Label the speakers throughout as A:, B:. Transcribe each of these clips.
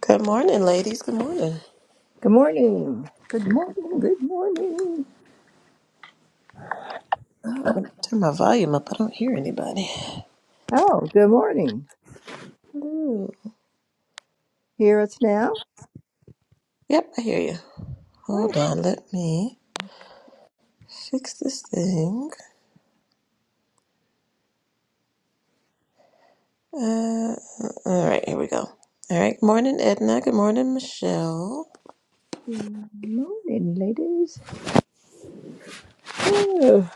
A: Good morning, ladies. Good morning.
B: Good morning. Good morning. Good morning.
A: Oh, let me turn my volume up. I don't hear anybody.
B: Oh, good morning.
A: Ooh.
B: Hear us now.
A: Yep, I hear you.
B: Oh,
A: Hold on. Let me fix this thing. Uh, all right, here we go. All right. Good morning, Edna. Good morning, Michelle.
B: good morning, ladies. Oh,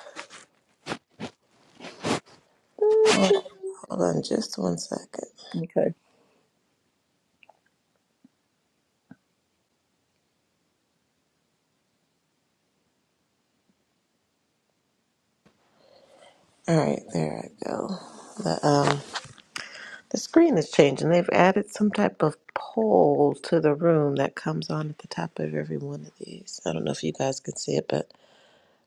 B: oh.
A: Hold hold on just one second.
B: Okay.
A: All right, there I go. The, um, the screen is changing. They've added some type of poll to the room that comes on at the top of every one of these. I don't know if you guys can see it, but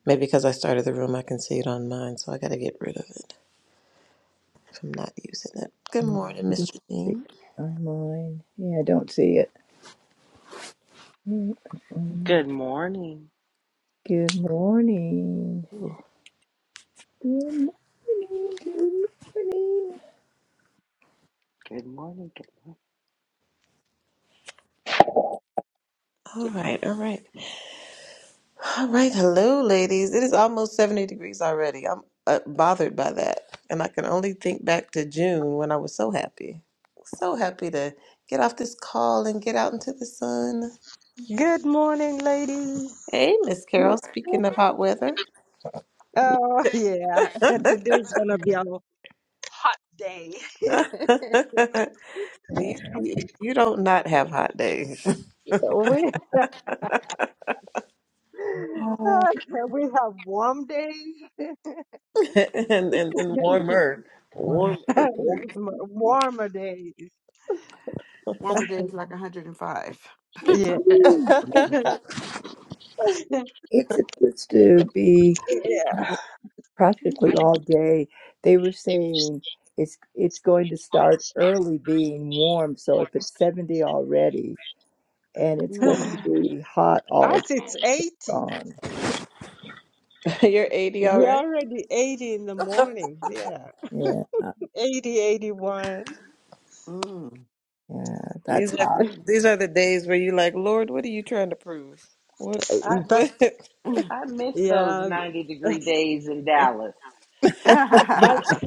A: Maybe because I started the room, I can see it on mine, so I got to get rid of it if I'm not using it. Good
B: Yeah,
A: morning,
B: I don't
A: Mr.
B: See it
A: Dean.
B: online. Yeah, I don't see it. Mm-mm.
C: Good morning.
B: Good morning. Good morning. Good morning. Good morning.
C: Good morning. Good,
A: All
C: good
A: right,
C: night.
A: all right, all right. Hello, ladies. It is almost 70 degrees already. I'm uh, bothered by that, and I can only think back to June when I was so happy, so happy to get off this call and get out into the sun.
D: Good morning, ladies.
A: Hey, Miss Carol. Speaking of hot weather,
D: Oh, yeah. Today's gonna be a hot day.
A: you, you you don't not have hot days.
D: We
B: Ah,
D: we have warm days,
A: and, and and warmer.
B: wow.
A: Warm.
D: warmer days.
E: Warmer days like 105.
D: Yeah.
B: It's supposed to be
D: Yeah.
E: Mm,
B: practically all day. They were saying it's it's going to start early being warm, so if it's 70 already and it's going to be hot all
D: Us, it's 80.
B: dawn.
A: You're 80
D: We're
A: already?
D: already 80 in the morning. Yeah.
B: Yeah,
D: eighty, eighty one.
E: mm,
B: yeah, that's
A: These are
B: hot.
A: these are the days where you like, Lord, what are you trying to prove? What
C: I,
D: But
A: what?
E: mm.
C: I miss those
D: yeah,
C: 90 degree
D: but.
C: days in Dallas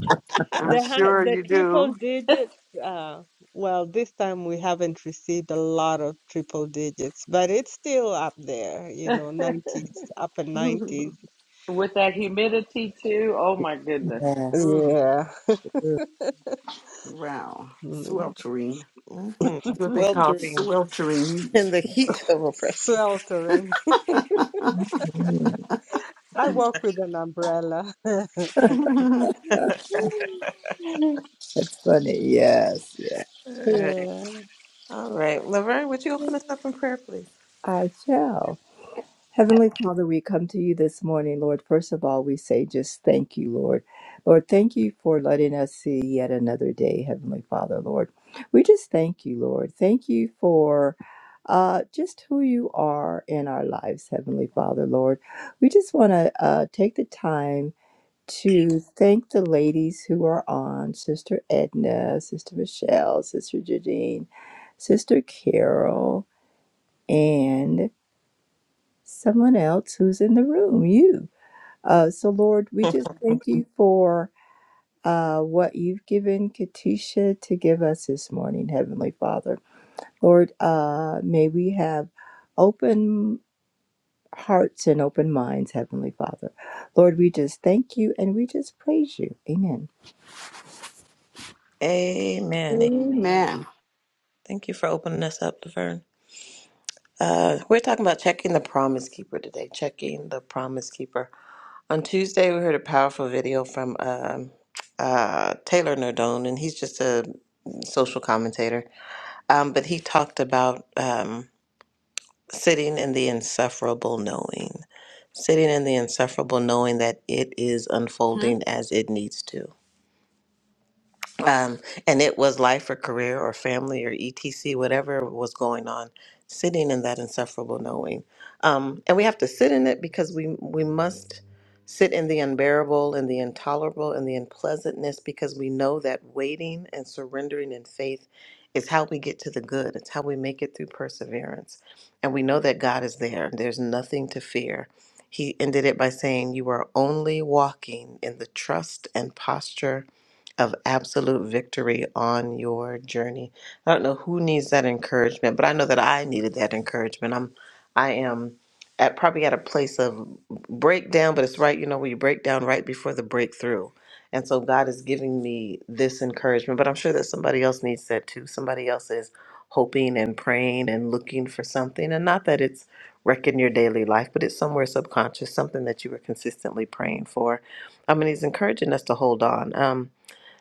E: I'm
D: The hi-
E: sure
D: the
E: you
D: triple
E: do.
D: digits, uh, well, this time we haven't received a lot of triple digits, but it's still up there, you know, 90s, upper 90s.
C: with that humidity, too. Oh, my goodness.
B: Yes.
E: Mm,
D: Yeah,
E: wow.
D: Mm,
E: Sweltering.
A: hmm
E: It's what they call
A: Sweltering
E: sweltering.
A: in the heat of oppression.
D: sweltering.
B: Mhm.
D: I walk with an umbrella.
B: That's funny. Yes, yeah.
A: All right.
D: Yeah,
A: All right. Laverne, would you open us up in prayer, please?
B: I shall. Heavenly Father, we come to you this morning, Lord. First of all, we say just thank you, Lord. Lord, thank you for letting us see yet another day, Heavenly Father, Lord. We just thank you, Lord. Thank you for uh, just who you are in our lives, Heavenly Father, Lord. We just want to uh, take the time to thank the ladies who are on Sister Edna, Sister Michelle, Sister Jadine, Sister Carol, and someone else who's in the room, you. Uh, so, Lord, we just thank you for uh, what you've given Katisha to give us this morning, Heavenly Father. Lord, uh, may we have open hearts and open minds, Heavenly Father. Lord, we just thank you and we just praise you. Amen.
A: Amen.
C: Amen.
E: Amen.
A: Thank you for opening us up, Laverne. Uh, we're talking about checking the promise keeper today. Checking the promise keeper. On Tuesday, we heard a powerful video from um, uh, Taylor Nardone, and he's just a social commentator. Um, but he talked about um, sitting in the insufferable knowing, sitting in the insufferable knowing that it is Hmm? unfolding as it needs to. um, and it was life or career or family or etc whatever was going on sitting in that insufferable knowing um, and we have to sit in it because we we must sit in the unbearable and the intolerable and the unpleasantness because we know that waiting and surrendering in faith is how we get to the good it's how we make it through perseverance and we know that god is there there's nothing to fear he ended it by saying you are only walking in the trust and posture of absolute victory on your journey. I don't know who needs that encouragement, but I know that I needed that encouragement. I'm I am at probably at a place of breakdown, but it's right, you know, when you break down right before the breakthrough. And so God is giving me this encouragement, but I'm sure that somebody else needs that too. Somebody else is hoping and praying and looking for something. And not that it's wrecking your daily life, but it's somewhere subconscious, something that you were consistently praying for. I mean, he's encouraging us to hold on. Um,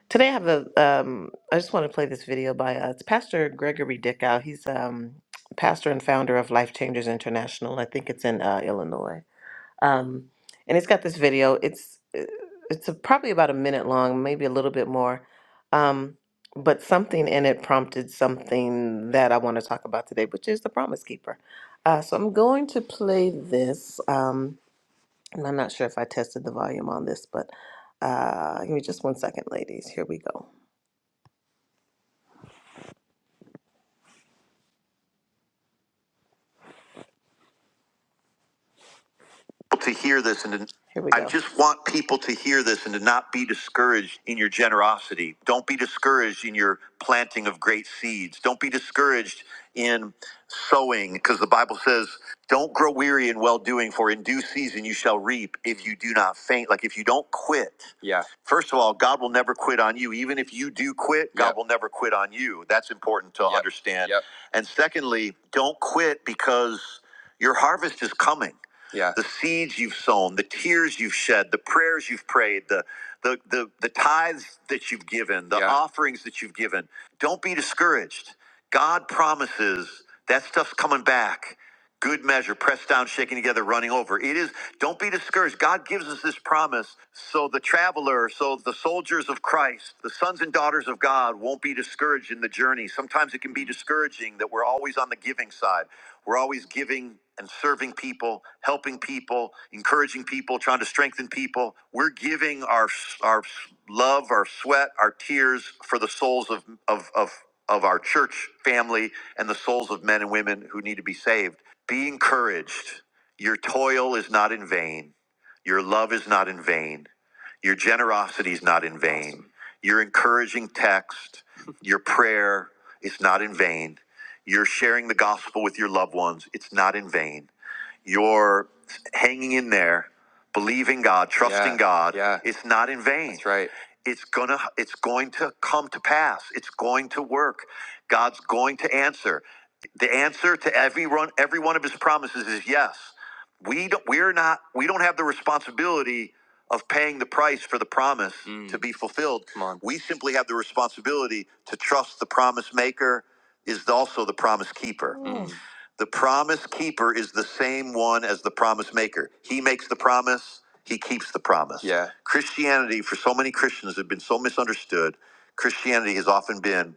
A: Today I have a um I just want to play this video by uh, it's Pastor Gregory Dickow. He's um pastor and founder of Life Changers International. I think it's in uh, Illinois. Um and it's got this video. It's uh, it's a, probably about a minute long, maybe a little bit more. Um but something in it prompted something that I want to talk about today, which is the Promise Keeper. Uh, so I'm going to play this. Um, and I'm not sure if I tested the volume on this, but uh, give me just one second, ladies. Here we go. to hear this and to, Here we I go. just want people to hear this and to not be discouraged in your generosity. Don't be discouraged in your planting of great seeds. Don't be discouraged in sowing because the Bible says, don't grow weary in well doing, for in due season you shall reap if you do not faint. Like if you don't quit. Yeah. First of all, God will never quit on you. Even if you do quit, God Yep. will never quit on you. That's important to Yep. understand. Yep. And secondly, don't quit because your harvest is coming. Yeah. the seeds you've sown, the tears you've shed, the prayers you've prayed, the the the, the tithes that you've given, the Yeah. offerings that you've given. Don't be discouraged. God promises that stuff's coming back good measure, pressed down, shaken together, running over. It is, don't be discouraged. God gives us this promise so the traveler, so the soldiers of Christ, the sons and daughters of God won't be discouraged in the journey. Sometimes it can be discouraging that we're always on the giving side. We're always giving and serving people, helping people, encouraging people, trying to strengthen people. We're giving our our love, our sweat, our tears for the souls of of of of our church family and the souls of men and women who need to be saved. Be encouraged. Your toil is not in vain. Your love is not in vain. Your generosity is not in vain. Awesome. Your encouraging text, your prayer is not in vain. Your sharing the gospel with your loved ones, it's not in vain you're hanging in there, believing God, trusting Yeah. God. Yeah. It's not in vain. That's right. It's gonna it's going to come to pass. It's going to work. God's going to answer. The answer to everyone every one of his promises is yes. We don't we're not we don't have the responsibility of paying the price for the promise mm. to Mm. be fulfilled. Come on. We simply have the responsibility to trust the promise maker is also the promise keeper. Mm. The promise keeper is the same one as the promise maker. He makes the promise, he keeps the promise. Yeah. Christianity, for so many Christians, have been so misunderstood. Christianity has often been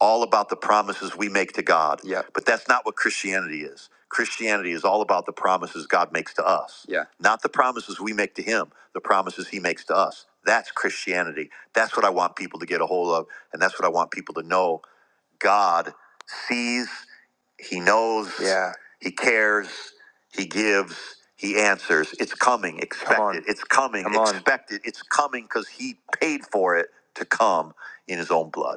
A: all about the promises we make to God. Yeah. But that's not what Christianity is. Christianity is all about the promises God makes to us. Yeah. Not the promises we make to him, the promises he makes to us. That's Christianity. That's what I want people to get a hold of, and that's what I want people to know God sees, He knows, Yeah. He cares, He gives, He answers. It's coming, Expected. It's coming, Expected. It's coming because He paid for it to come in His own blood.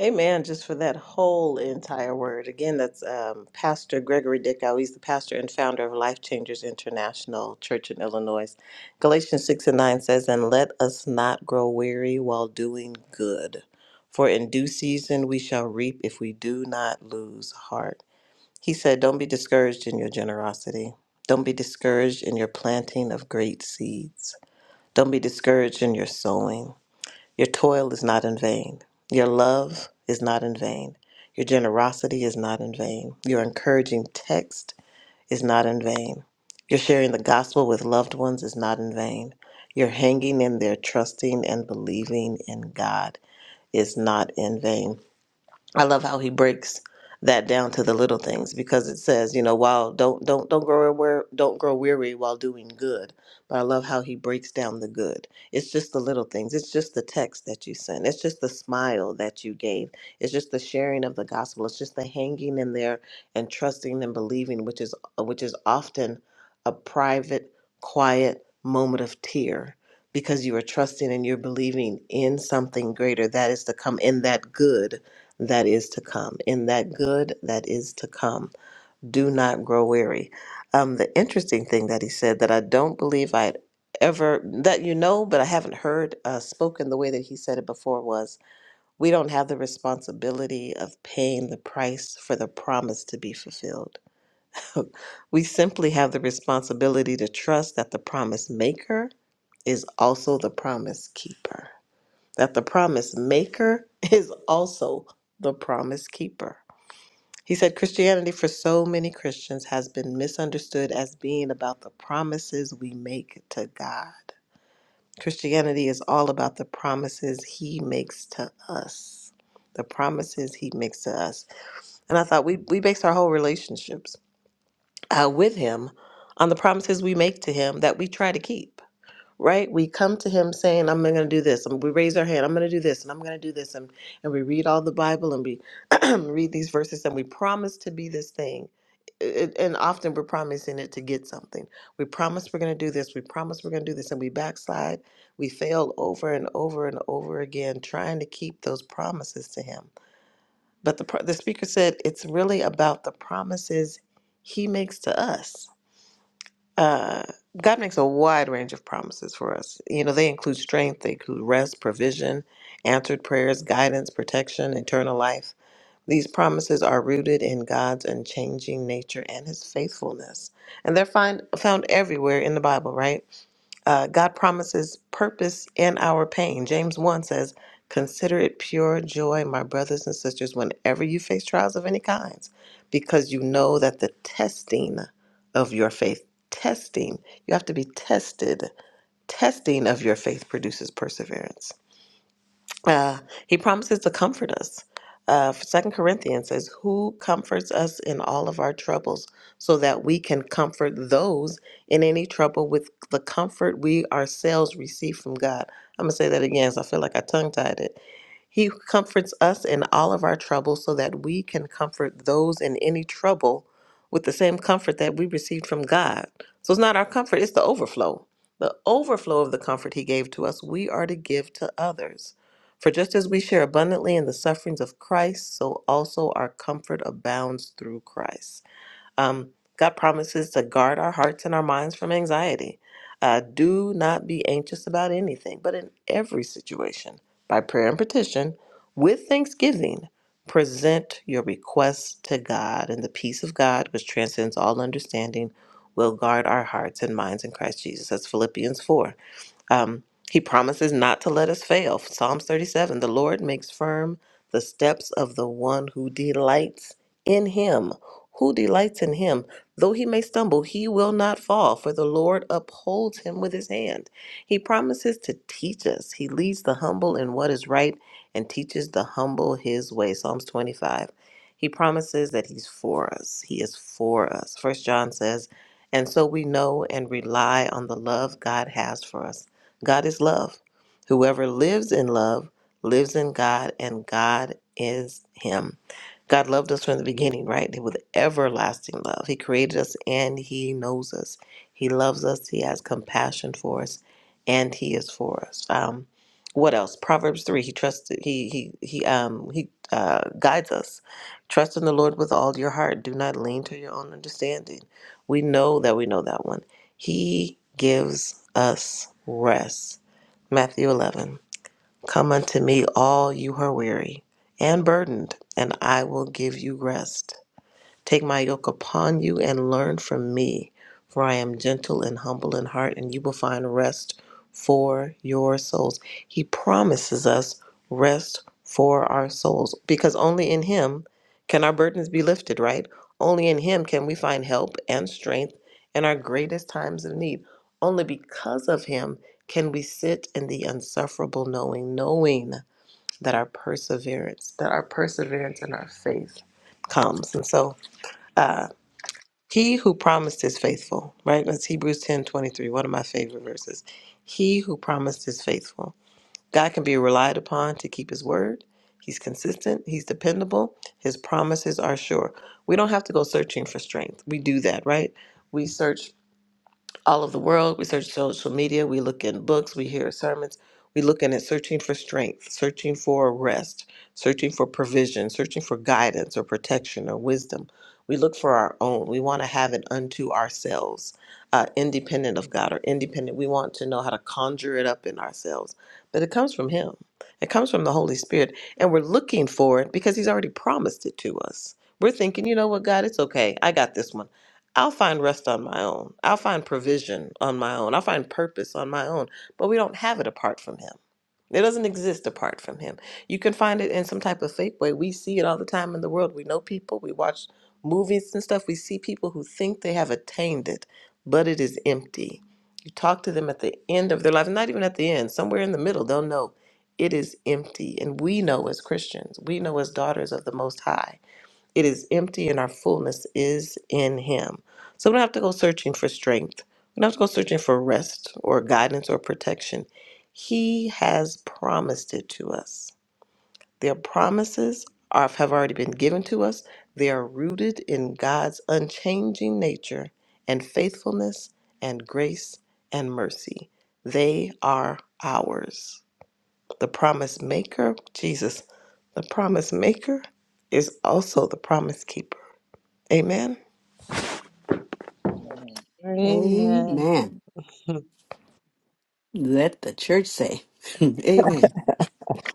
A: Amen. Just for that whole entire word. Again, that's um, Pastor Gregory Dickow. He's the pastor and founder of Life Changers International Church in Illinois. Galatians 6 and 9 says, And let us not grow weary while doing good, for in due season we shall reap if we do not lose heart. He said, Don't be discouraged in your generosity. Don't be discouraged in your planting of great seeds. Don't be discouraged in your sowing. Your toil is not in vain. Your love is not in vain. Your generosity is not in vain. Your encouraging text is not in vain. Your sharing the gospel with loved ones is not in vain. Your hanging in there, trusting and believing in God is not in vain. I love how he breaks that down to the little things because it says, you know, while don't don't don't grow aware, don't grow weary while doing good. But I love how he breaks down the good. It's just the little things. It's just the text that you sent. It's just the smile that you gave. It's just the sharing of the gospel. It's just the hanging in there and trusting and believing, which is which is often a private, quiet moment of tear because you are trusting and you're believing in something greater that is to come in that good that is to come, in that good that is to come. Do not grow weary. Um, the interesting thing that he said that I don't believe I'd ever, that you know, but I haven't heard uh, spoken the way that he said it before was we don't have the responsibility of paying the price for the promise to be fulfilled. we simply have the responsibility to trust that the promise maker is also the promise keeper. That the promise maker is also the promise keeper he said Christianity for so many Christians has been misunderstood as being about the promises we make to God. Christianity is all about the promises he makes to us. The promises he makes to us. And I thought we, we base our whole relationships uh, with him on the promises we make to him that we try to keep right? We come to him saying, I'm going to do this. And we raise our hand, I'm going to do this, and I'm going to do this. And, and we read all the Bible and we read these verses and we promise to be this thing. It, and often we're promising it to get something. We promise we're going to do this. We promise we're going to do this. And we backslide. We fail over and over and over again trying to keep those promises to him. But the, pro- the speaker said, it's really about the promises he makes to us uh, God makes a wide range of promises for us. You know, they include strength, they include rest, provision, answered prayers, guidance, protection, eternal life. These promises are rooted in God's unchanging nature and his faithfulness. And they're find, found everywhere in the Bible, right? Uh, God promises purpose in our pain. James 1 says, Consider it pure joy, my brothers and sisters, whenever you face trials of any kinds, because you know that the testing of your faith, testing, you have to be tested. Testing of your faith produces perseverance uh, he promises to comfort us. Uh, Second Corinthians says, "Who comforts us in all of our troubles, so that we can comfort those in any trouble with the comfort we ourselves receive from God." I'm gonna say that again, so I feel like I tongue tied it. He comforts us in all of our troubles, so that we can comfort those in any trouble with the same comfort that we received from God. So it's not our comfort; it's the overflow. The overflow of the comfort He gave to us, we are to give to others. For just as we share abundantly in the sufferings of Christ, so also our comfort abounds through Christ. Um, God promises to guard our hearts and our minds from anxiety. Uh, do not be anxious about anything, but in every situation, by prayer and petition, with thanksgiving, present your requests to God, and the peace of God, which transcends all understanding, will guard our hearts and minds in Christ Jesus. That's Philippians 4. Um, he promises not to let us fail. Psalms 37 The Lord makes firm the steps of the one who delights in him. Who delights in him? Though he may stumble, he will not fall, for the Lord upholds him with his hand. He promises to teach us. He leads the humble in what is right and teaches the humble his way. Psalms 25. He promises that he's for us. He is for us. First John says, and so we know and rely on the love God has for us. God is love. Whoever lives in love lives in God, and God is him. God loved us from the beginning, right? With everlasting love. He created us and He knows us. He loves us. He has compassion for us, and He is for us. Um, what else? Proverbs three. He trusts. He he he um he uh, guides us. Trust in the Lord with all your heart. Do not lean to your own understanding. We know that we know that one. He gives us rest. Matthew 11. Come unto me, all you who are weary and burdened, and I will give you rest. Take my yoke upon you and learn from me, for I am gentle and humble in heart, and you will find rest for your souls. He promises us rest for our souls because only in Him can our burdens be lifted, right? Only in Him can we find help and strength in our greatest times of need. Only because of Him can we sit in the unsufferable knowing, knowing that our perseverance, that our perseverance and our faith comes. And so, uh, he who promised is faithful, right? That's Hebrews ten twenty three. one of my favorite verses. He who promised is faithful. God can be relied upon to keep his word. He's consistent, he's dependable, his promises are sure. We don't have to go searching for strength. We do that, right? We search all over the world. We search social media, we look in books, we hear sermons, we looking at searching for strength, searching for rest, searching for provision, searching for guidance or protection or wisdom. We look for our own. We want to have it unto ourselves, uh, independent of God or independent. We want to know how to conjure it up in ourselves. But it comes from Him, it comes from the Holy Spirit. And we're looking for it because He's already promised it to us. We're thinking, you know what, God, it's okay. I got this one. I'll find rest on my own. I'll find provision on my own. I'll find purpose on my own. But we don't have it apart from Him. It doesn't exist apart from Him. You can find it in some type of fake way. We see it all the time in the world. We know people, we watch movies and stuff. We see people who think they have attained it, but it is empty. You talk to them at the end of their life, not even at the end, somewhere in the middle, they'll know it is empty. And we know as Christians, we know as daughters of the Most High it is empty and our fullness is in Him. So we don't have to go searching for strength. We don't have to go searching for rest or guidance or protection. He has promised it to us. Their promises are, have already been given to us. They are rooted in God's unchanging nature and faithfulness and grace and mercy. They are ours. The promise maker, Jesus, the promise maker is also the promise keeper. Amen.
C: Amen.
D: amen.
E: Amen. Let the church say. Amen.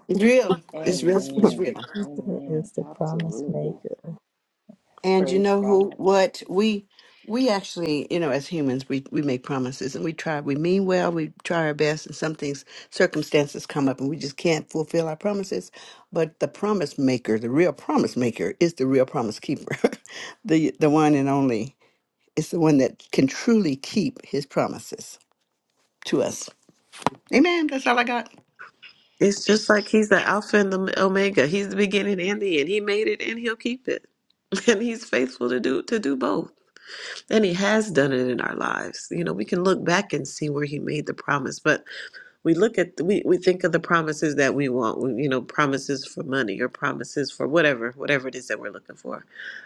E: It's real. It's real. It's
C: Amen.
E: real.
B: Jupiter
C: Amen.
B: is the promise
C: Absolutely.
B: maker.
E: And you
C: Praise
E: know who
C: God.
E: what we we actually, you know, as humans we we make promises and we try we mean well, we try our best and some things circumstances come up and we just can't fulfill our promises. But the promise maker, the real promise maker is the real promise keeper. the the one and only is the one that can truly keep his promises to us. Amen. That's all I got.
A: It's just like he's the Alpha and the Omega. He's the beginning and the end. He made it and he'll keep it. And he's faithful to do to do both. And he has done it in our lives. You know, we can look back and see where he made the promise, but we look at we we think of the promises that we want, we- you know, promises for money or promises for whatever, whatever it is that we're looking for.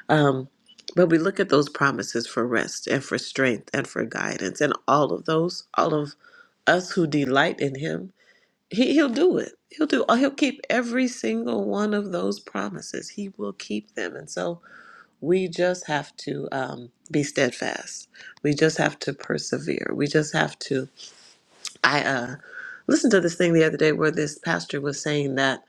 A: Um but we look at those promises for rest and for strength and for guidance and all of those all of us who delight in him He he'll do it. He'll do. He'll keep every single one of those promises. He will keep them, and so we just have to um, be steadfast. We just have to persevere. We just have to I uh, listened to this thing the other day where this pastor was saying that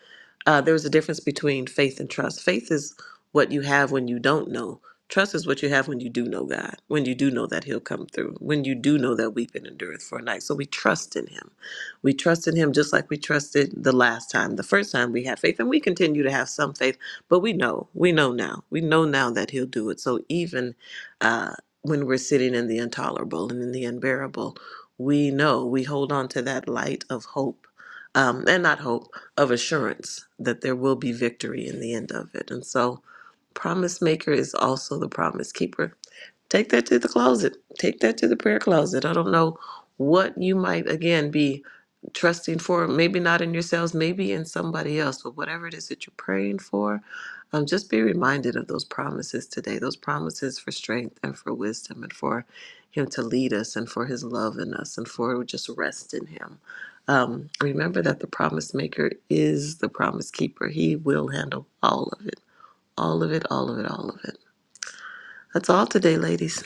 A: uh, there was a difference between faith and trust. Faith is what you have when you don't know. Trust is what you have when you do know God, when you do know that He'll come through, when you do know that weeping endureth for a night. So we trust in Him. We trust in Him just like we trusted the last time, the first time we had faith. And we continue to have some faith, but we know, we know now. We know now that He'll do it. So even uh, when we're sitting in the intolerable and in the unbearable, we know we hold on to that light of hope um, and not hope of assurance that there will be victory in the end of it and so promise maker is also the promise keeper Take that to the closet. Take that to the prayer closet. I don't know what you might, again, be trusting for, maybe not in yourselves, maybe in somebody else, but whatever it is that you're praying for, um, just be reminded of those promises today, those promises for strength and for wisdom and for Him to lead us and for His love in us and for just rest in Him. Um, remember that the promise maker is the promise keeper. He will handle all of it, all of it, all of it, all of it. That's all today, ladies.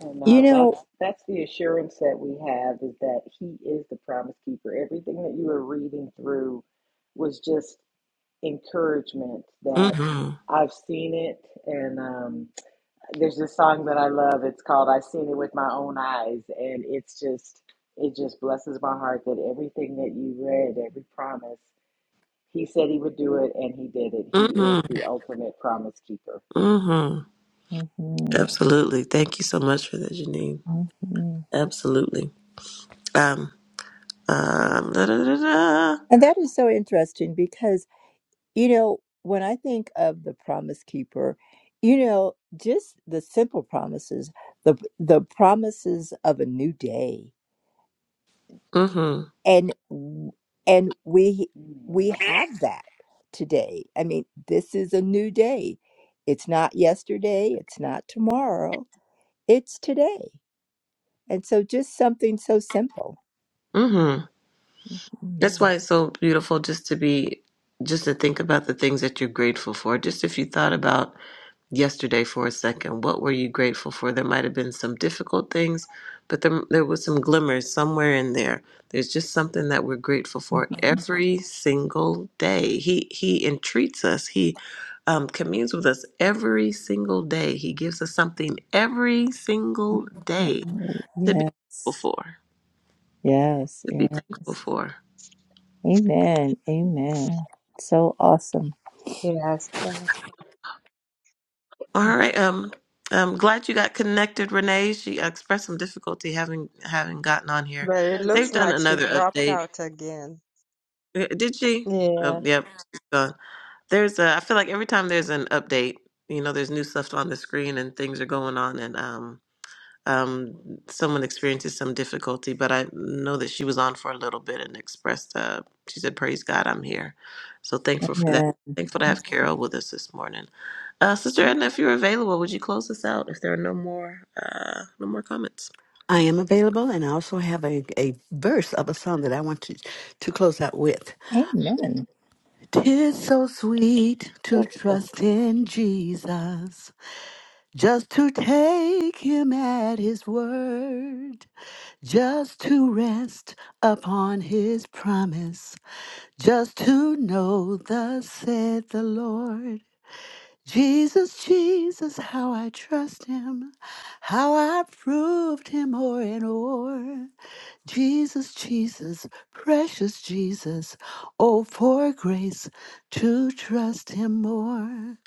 C: And
B: You
C: uh, that's
B: know,
C: that's the assurance that we have is that He is the promise keeper. Everything that you were reading through was just encouragement that
A: hmm.
C: I've seen it, and um, there's this song that I love. It's called I Seen It With My Own Eyes. And it's just, it just blesses my heart that everything that you read, every promise, he said he would do it and he did it. He is
A: Mm-hmm.
C: the ultimate promise keeper.
A: Mm-hmm.
B: Mhm,
A: Absolutely. Thank you so much for that, Janine.
B: mhm.
A: Absolutely. Um, um, da, da, da, da.
B: and that is so interesting because. You know, when I think of the promise keeper, you know, just the simple promises, the the promises of a new day.
A: Mm-hmm.
B: And and we we
C: Amen.
B: have that today. I mean, this is a new day. It's not yesterday, it's not tomorrow, it's today. And so just something so simple.
A: Mm-hmm.
B: Mm.
A: That's why it's so beautiful just to be, just to think about the things that you're grateful for. Just if you thought about yesterday for a second. What were you grateful for? There might have been some difficult things, but there, there was some glimmers somewhere in there. There's just something that we're grateful for
B: Mhm.
A: every single day. He he entreats us. He um, communes with us every single day. He gives us something every single day to be
B: Yes.
A: thankful for.
B: Yes,
A: To be
B: yes.
A: thankful for.
B: Amen. Amen. So awesome.
D: Yes,
A: All right. Um, I'm glad you got connected, Renee. She expressed some difficulty having having gotten on here.
D: but it
A: They've
D: looks
A: done
D: like she
A: another
D: dropped
A: update.
D: out again.
A: Uh, Did she? Oh,
D: Yeah,
A: yep. she's gone. There's a, I feel like every time there's an update, you know, there's new stuff on the screen and things are going on and um um someone experiences some difficulty, but I know that she was on for a little bit and expressed uh she said, Praise God, I'm here. So thankful for that.
B: Amen.
A: Thankful to have Carol with us this morning. Uh Sister Edna, if you're available, would you close us out if there are no more uh no more comments?
E: I am available and I also have a, a verse of a song that I want to to close out with.
B: Amen.
E: Tis so sweet to trust in Jesus, just to take him at his word, just to rest upon his promise, just to know thus said the Lord. Jesus, Jesus, how I trust him, how I proved him o'er and o'er. Jesus, Jesus, precious Jesus. Oh, for grace to trust him more.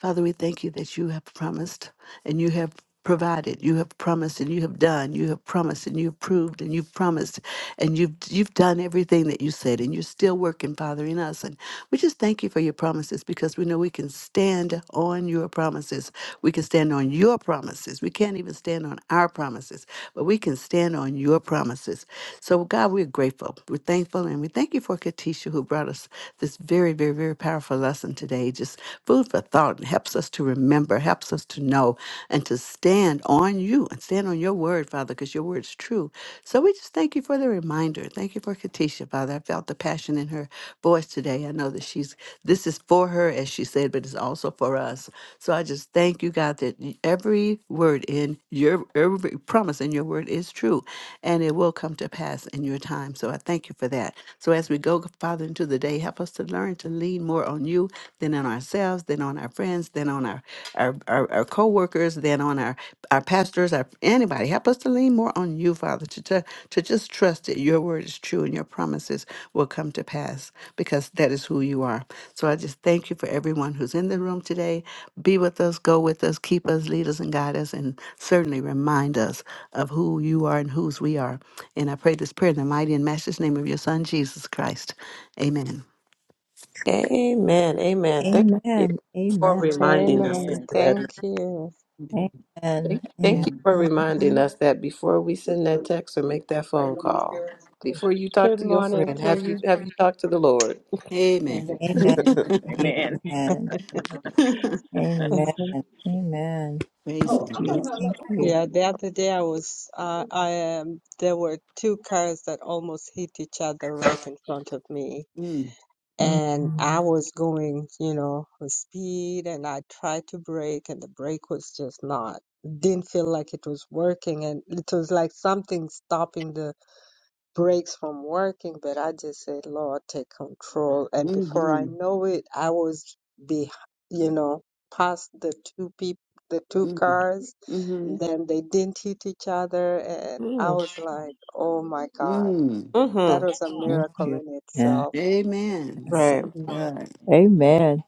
E: Father, we thank you that you have promised and you have provided you have promised and you have done you have promised and you've proved and you've promised and you've you've done everything that you said and you're still working father in us and we just thank you for your promises because we know we can stand on your promises we can stand on your promises we can't even stand stand on our promises, but we can stand on your promises. So, God, we're grateful. We're thankful. And we thank you for Katisha, who brought us this very, very, very powerful lesson today. Just food for thought and helps us to remember, helps us to know, and to stand on you and stand on your word, Father, because your word's true. So, we just thank you for the reminder. Thank you for Katisha, Father. I felt the passion in her voice today. I know that she's, this is for her, as she said, but it's also for us. So I just thank you, God, that y- every word in your every promise in your word is true and it will come to pass in your time. So I thank you for that. So as we go, Father, into the day, help us to learn to lean more on you than on ourselves, than on our friends, than on our our, our, our co-workers, than on our, our pastors, our anybody. Help us to lean more on you, Father, to, to, to just trust that your word is true and your promises will come to pass because that is who you are. So I just thank you for everyone who's in the room today be with us, go with us, keep us, lead us, and guide us, and certainly remind us of who you are and whose we are. And I pray this prayer in the mighty and matchless name of your Son, Jesus Christ. Amen.
A: Amen. Amen. Thank
B: Amen.
A: you
B: Amen.
A: for
B: Amen.
A: reminding us. Sister
D: amen.
C: Amen.
A: Edna.
D: Thank you.
B: Amen.
A: Thank you
E: Amen.
A: for reminding us that before we send that text or make that phone call, before you talk
D: Good
A: to your
D: morning
A: friend,
D: to
A: have you
D: you.
A: have you talked to the Lord?
E: Amen.
D: Mhm.
B: Amen.
E: Amen.
C: Amen.
B: Amen. Amen.
D: Mhm.
B: Amen.
E: Praise
C: So
E: Him.
B: Thank you.
C: true.
B: Thank you.
D: Yeah, the other day I was, uh, I um, there were two cars that almost hit each other right in front of me,
E: Mm,
D: and I
B: Mm,
D: was going, you know, with speed, and I tried to brake, and the brake was just not, didn't feel like it was working, and it was like something stopping the breaks from working, but I just said, Lord, take control. And before I
E: mm-hmm,
D: know it, I was be, you know, past the two people, the two
E: mm,
D: cars.
E: mm-hmm,
D: then they didn't hit each other, and I
A: Mm,
D: was like, oh my God,
E: mm.
D: that
A: Mm-hmm.
D: was a
B: Thank
D: miracle
B: you.
D: in itself.
E: Amen.
B: Yes.
A: Right.
E: Praise
D: Mm,
E: God.
C: Amen.
B: Amen.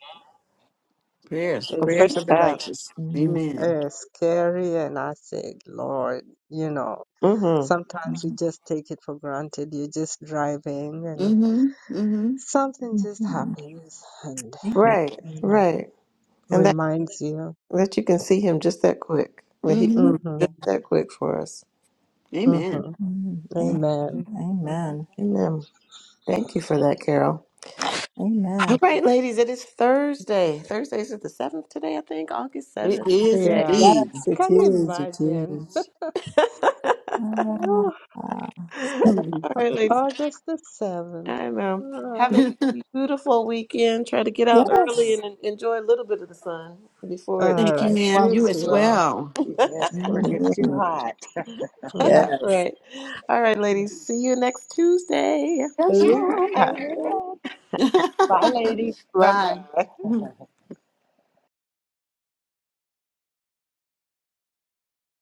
E: Prayers,
A: Well,
D: It's,
E: prayers
A: praise
E: of the
A: God.
E: righteous.
B: Mm,
E: Amen.
D: it's scary, and I said, Lord, you know,
A: Mm-hmm.
D: sometimes we
B: mm,
D: just take it for granted. You're just driving, and
E: Mm-hmm, mm-hmm,
D: something just
B: mhm.
D: happens, and.
B: Amen.
A: Right.
D: you know."
A: Right. And that
D: reminds you.
A: that you can see Him just that quick. That He
E: mm-hmm.
A: moves
D: Mm-hmm.
B: Yeah.
A: just that quick for us.
E: Amen.
D: Mm-hmm.
B: Mm, Amen.
D: Amen. Mhm.
B: Amen.
A: Amen. Thank you for that, Carol. All
B: Amen.
A: right, ladies. It is Thursday. Thursdays is the seventh today, I think. August
E: It
A: seventh
E: is
A: today.
D: Yeah.
E: indeed.
B: Yes, it
D: Can you
B: is. It
D: imagine?
B: is.
D: Oh,
B: Ah, set up-
A: All right, ladies.
D: August the 7th.
A: I know. Have
D: Oh,
A: a beautiful weekend. Try to get out early
B: Yes.
A: and en- enjoy a little bit of the sun before it
D: all
E: Thank you,
D: right.
E: ma'am.
D: You
E: You
A: swallows
E: as
A: you
D: too
A: up.
D: are.
E: well.
C: Yes, before it
D: Mm-hmm.
C: gets too
B: hmm
C: hot.
D: mm-hmm.
A: All
B: Yes.
A: right. All right, ladies. See you next Tuesday.
E: Yes,
B: Ooh.
E: ma'am.
C: Oh, man. Bye, lady.
A: Bye
E: Bye.
A: bye.